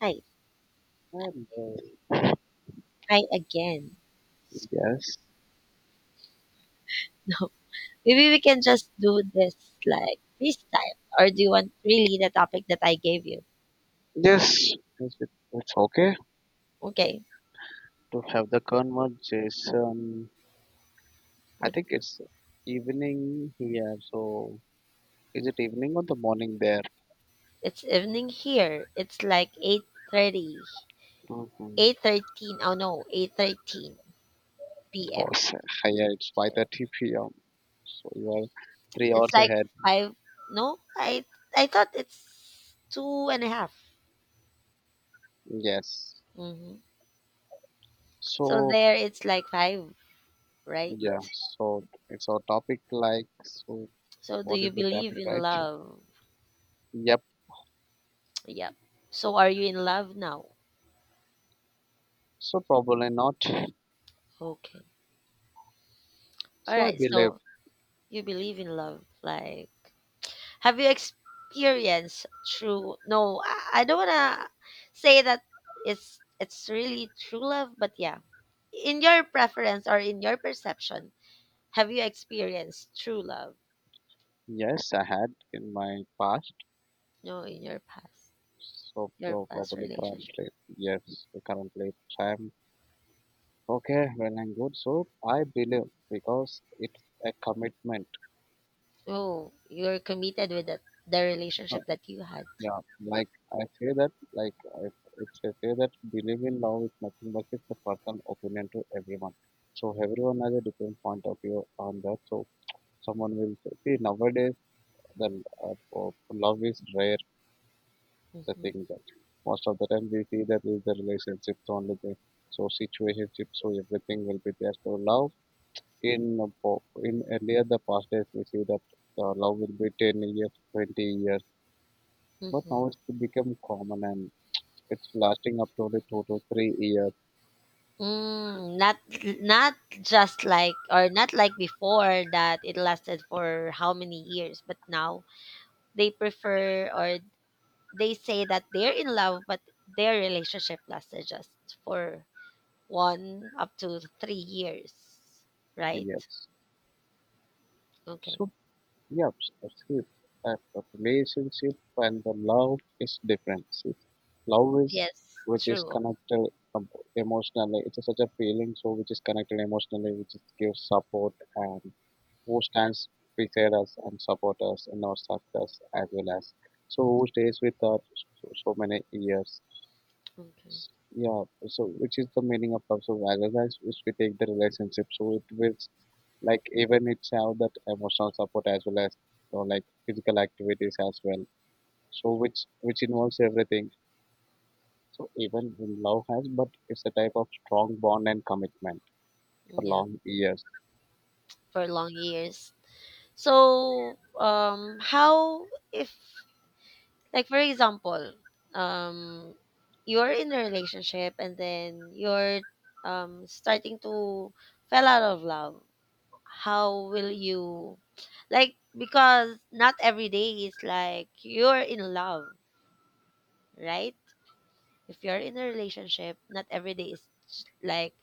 Hi, And hi again. yes, No, maybe we can just do this like this time. Or do you want really the topic that I gave you? yes, yes, it's okay Okay, to have the conversation. I but think it's evening here, so is it evening or the morning there? it's evening here. It's like 8:30, eight Mm-hmm. thirteen. Oh no, 8:13 Oh, p.m. Yeah, it's here. 5:30 p.m. So you are three It's hours like ahead. five. No, I thought it's two and a half. Yes. Mm-hmm. So So there, it's like five, right? yeah, so it's our topic like so So do what you is the topic, believe in right? love? Yep. Yep. So are you in love now? So probably not. Okay. All So I right, believe so you believe in love. Like, have you experienced true? No, I don't wanna say that it's really true love, but yeah, in your preference or in your perception, have you experienced true love? yes, I had in my past. No, in So your so past probably relationship. currently yes, currently time. Okay, well and good. So I believe because it's a commitment. Oh, you're committed with that the Uh, relationship that you had. Yeah, like I say that like I, it's I say that believe in love is nothing but it's a personal opinion to everyone. So everyone has a different point of view on that. So someone will say, see nowadays the love is rare. The thing Mm-hmm. that most of the time we see that is the relationships only there. So situationship, so everything will be there. So love in earlier the past days we see that love will be 10 years, 20 years, but Mm-hmm. now it's become common and it's lasting up to only 2 to 3 years. Mm, not just like or not like before that it lasted for how many years, but now they prefer or they say that they're in love, but their relationship lasted just for one up to 3 years, right? Yes. Okay. So Yep, escape. That the relationship and the love is different. See, love is Yes, which is true. connected um, emotionally. It's such a feeling, so which is connected emotionally, which is gives support and who stands beside us and support us in our success as well as so who stays with us so many years Okay. yeah so which is the meaning of love so value guys which we take the relationship so it will like even it's have that emotional support as well as like physical activities as well so which involves everything so even in love has but it's a type of strong bond and commitment for Yeah, long years. for long years. So, how if like for example, um, you're in a relationship and then you're starting to fell out of love. How will you like because not every day is like you're in love, right? If you're in a relationship, not every day is like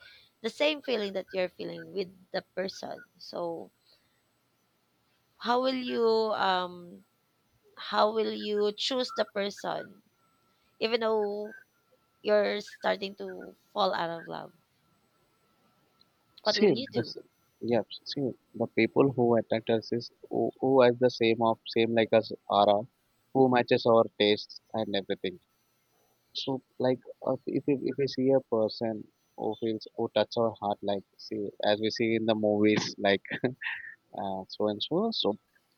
the same feeling that you're feeling with the person. So how will you um how will you choose the person even though you're starting to fall out of love, what will See you this do? yeah see the people who attract us is who has the same of same like us aura who matches our tastes and everything. So, like, if you see a person who feels who touch our heart, like see as we see in the movies, like so and so, so.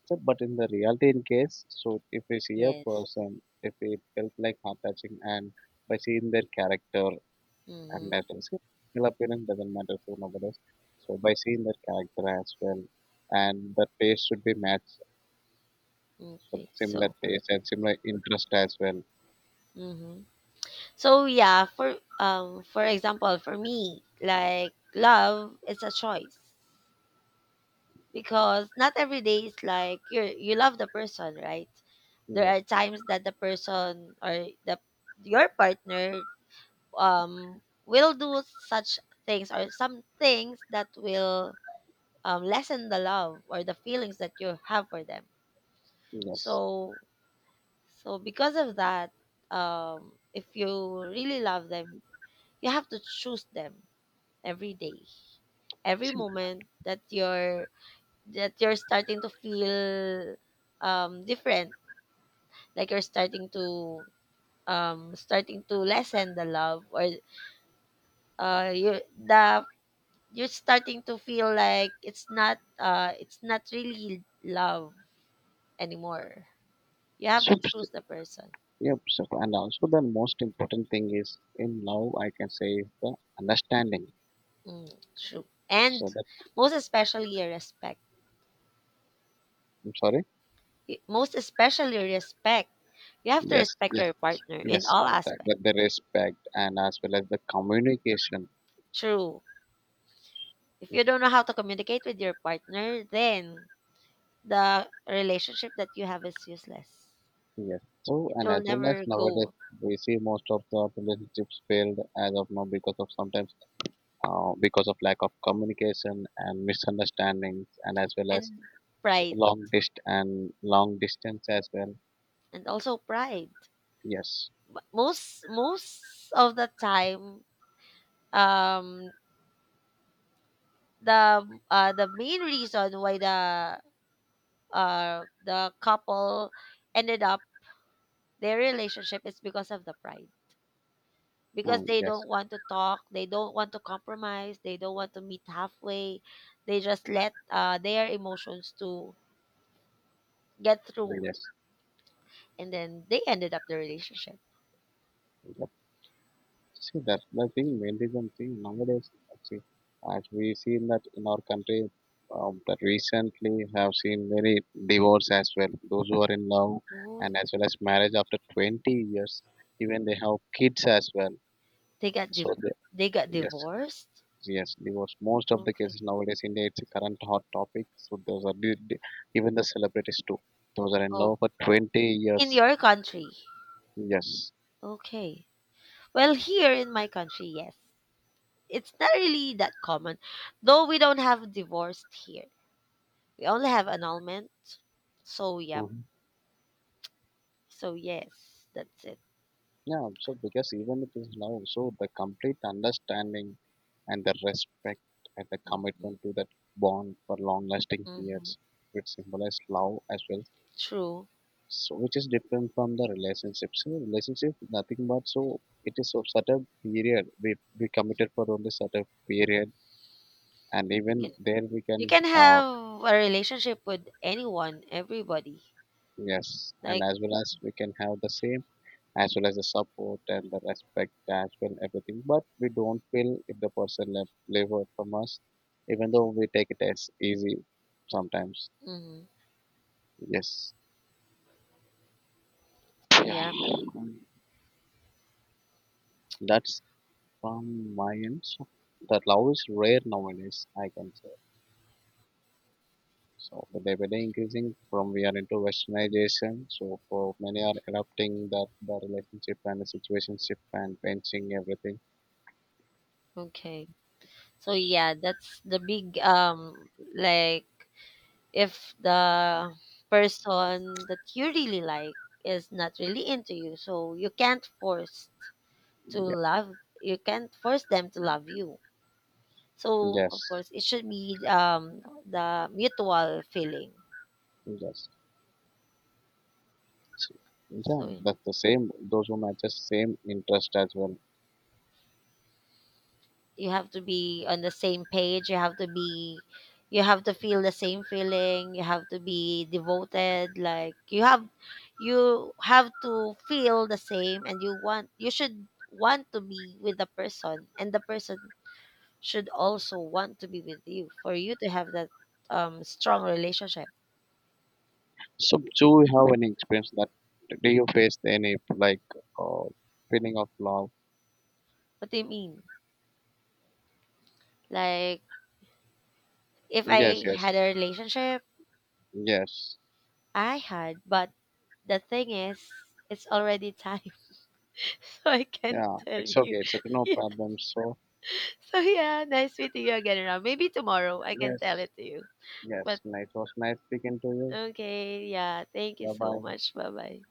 But in the reality, in case, so if we see a Yes. person, if we felt like heart touching, and by seeing their character and as Mm-hmm. well, see, physical appearance doesn't matter so nowadays. So by seeing their character as well, and the taste should be matched, so Okay. similar So. taste and similar interest as well. Mm-hmm. So yeah, for example, for me, like love is a choice because not every day is like you are you love the person, right? There Yeah. are times that the person or the your partner will do such things or some things that will lessen the love or the feelings that you have for them, Yes. so so because of that if you really love them you have to choose them every day every Sim- moment that you're starting to feel different, like you're starting to starting to lessen the love or you the you're starting to feel like it's not really love anymore, you have So to choose the person. Yep. So, and also the most important thing is in love, I can say, is the understanding. Mm, true. So And that most especially your respect. I'm sorry. Y- most especially respect. You have to Yes, respect yes, your partner in yes. all uh, That, aspects. that the respect and as well as the communication. True. If Yes. you don't know how to communicate with your partner, then the relationship that you have is useless. Yes. So It and will as well as never nowadays go. we see most of the relationships failed as of now because of sometimes because of lack of communication and misunderstandings and as well as And pride. Long distance as well. And also pride. Yes. But most most of the time, um the the main reason why the couple ended up their relationship is because of the pride. Because Mm, they yes. don't want to talk, they don't want to compromise, they don't want to meet halfway. They just let their emotions to get through, Yes. and then they ended up the relationship. Yes. See that the thing vandalism thing nowadays see as we seen that in our country that recently have seen very divorce as well those who are in love Oh, and as well as marriage after 20 years even they have kids as well they got so div- the, they got yes, divorced. yes. Divorce most of the Okay. cases nowadays in India, it's a current hot topic. So those are even the celebrities too, those are in love Oh, for 20 years. in your country. Yes. Okay. Well, here in my country, yes. It's not really that common. Though we don't have divorced here. We only have annulment. So yeah. So yes, that's it. Yeah, so because even it is now, so the complete understanding and the respect and the Hmm. commitment to that bond for long lasting Hmm. periods, which symbolize love as well. True. So which is different from the relationship. So relationship nothing but so it is a certain period. We committed for only certain period and You even can there we can you can have a relationship with anyone, everybody. yes, and Like, as well as we can have the same as well as the support and the respect as well everything but we don't feel if the person left delivered from us even though we take it as easy sometimes. hmm, Yes. so Yeah. yeah. Um, that's from my end, so that love is rare nowadays, I can say, so the day by day increasing from we are into westernization, so for many are adopting that the relationship and the situationship and benching everything. Okay. So yeah, that's the big like if the person that you really like is not really into you, so you can't force to Yes, love you can't force them to love you. So yes, of course it should be the mutual feeling. yes. So, yeah, So that's the same. Those who matches same interest as well. you have to be on the same page you have to be you have to feel the same feeling you have to be devoted like you have to feel the same and you want you should want to be with the person and the person should also want to be with you for you to have that strong relationship. So, do you have any experience that do you face any like uh, feeling of love? What do you mean, like if Yes, I yes, had a relationship? yes. I had, but the thing is it's already time so I can't Yeah, tell it's you. okay. It's okay. No problem. So, So yeah, nice meeting you again, Ram. Maybe tomorrow I can tell yes, it to you. But yes. Nice. It was nice speaking to you. okay, yeah. Thank you Bye so bye. much. Bye bye.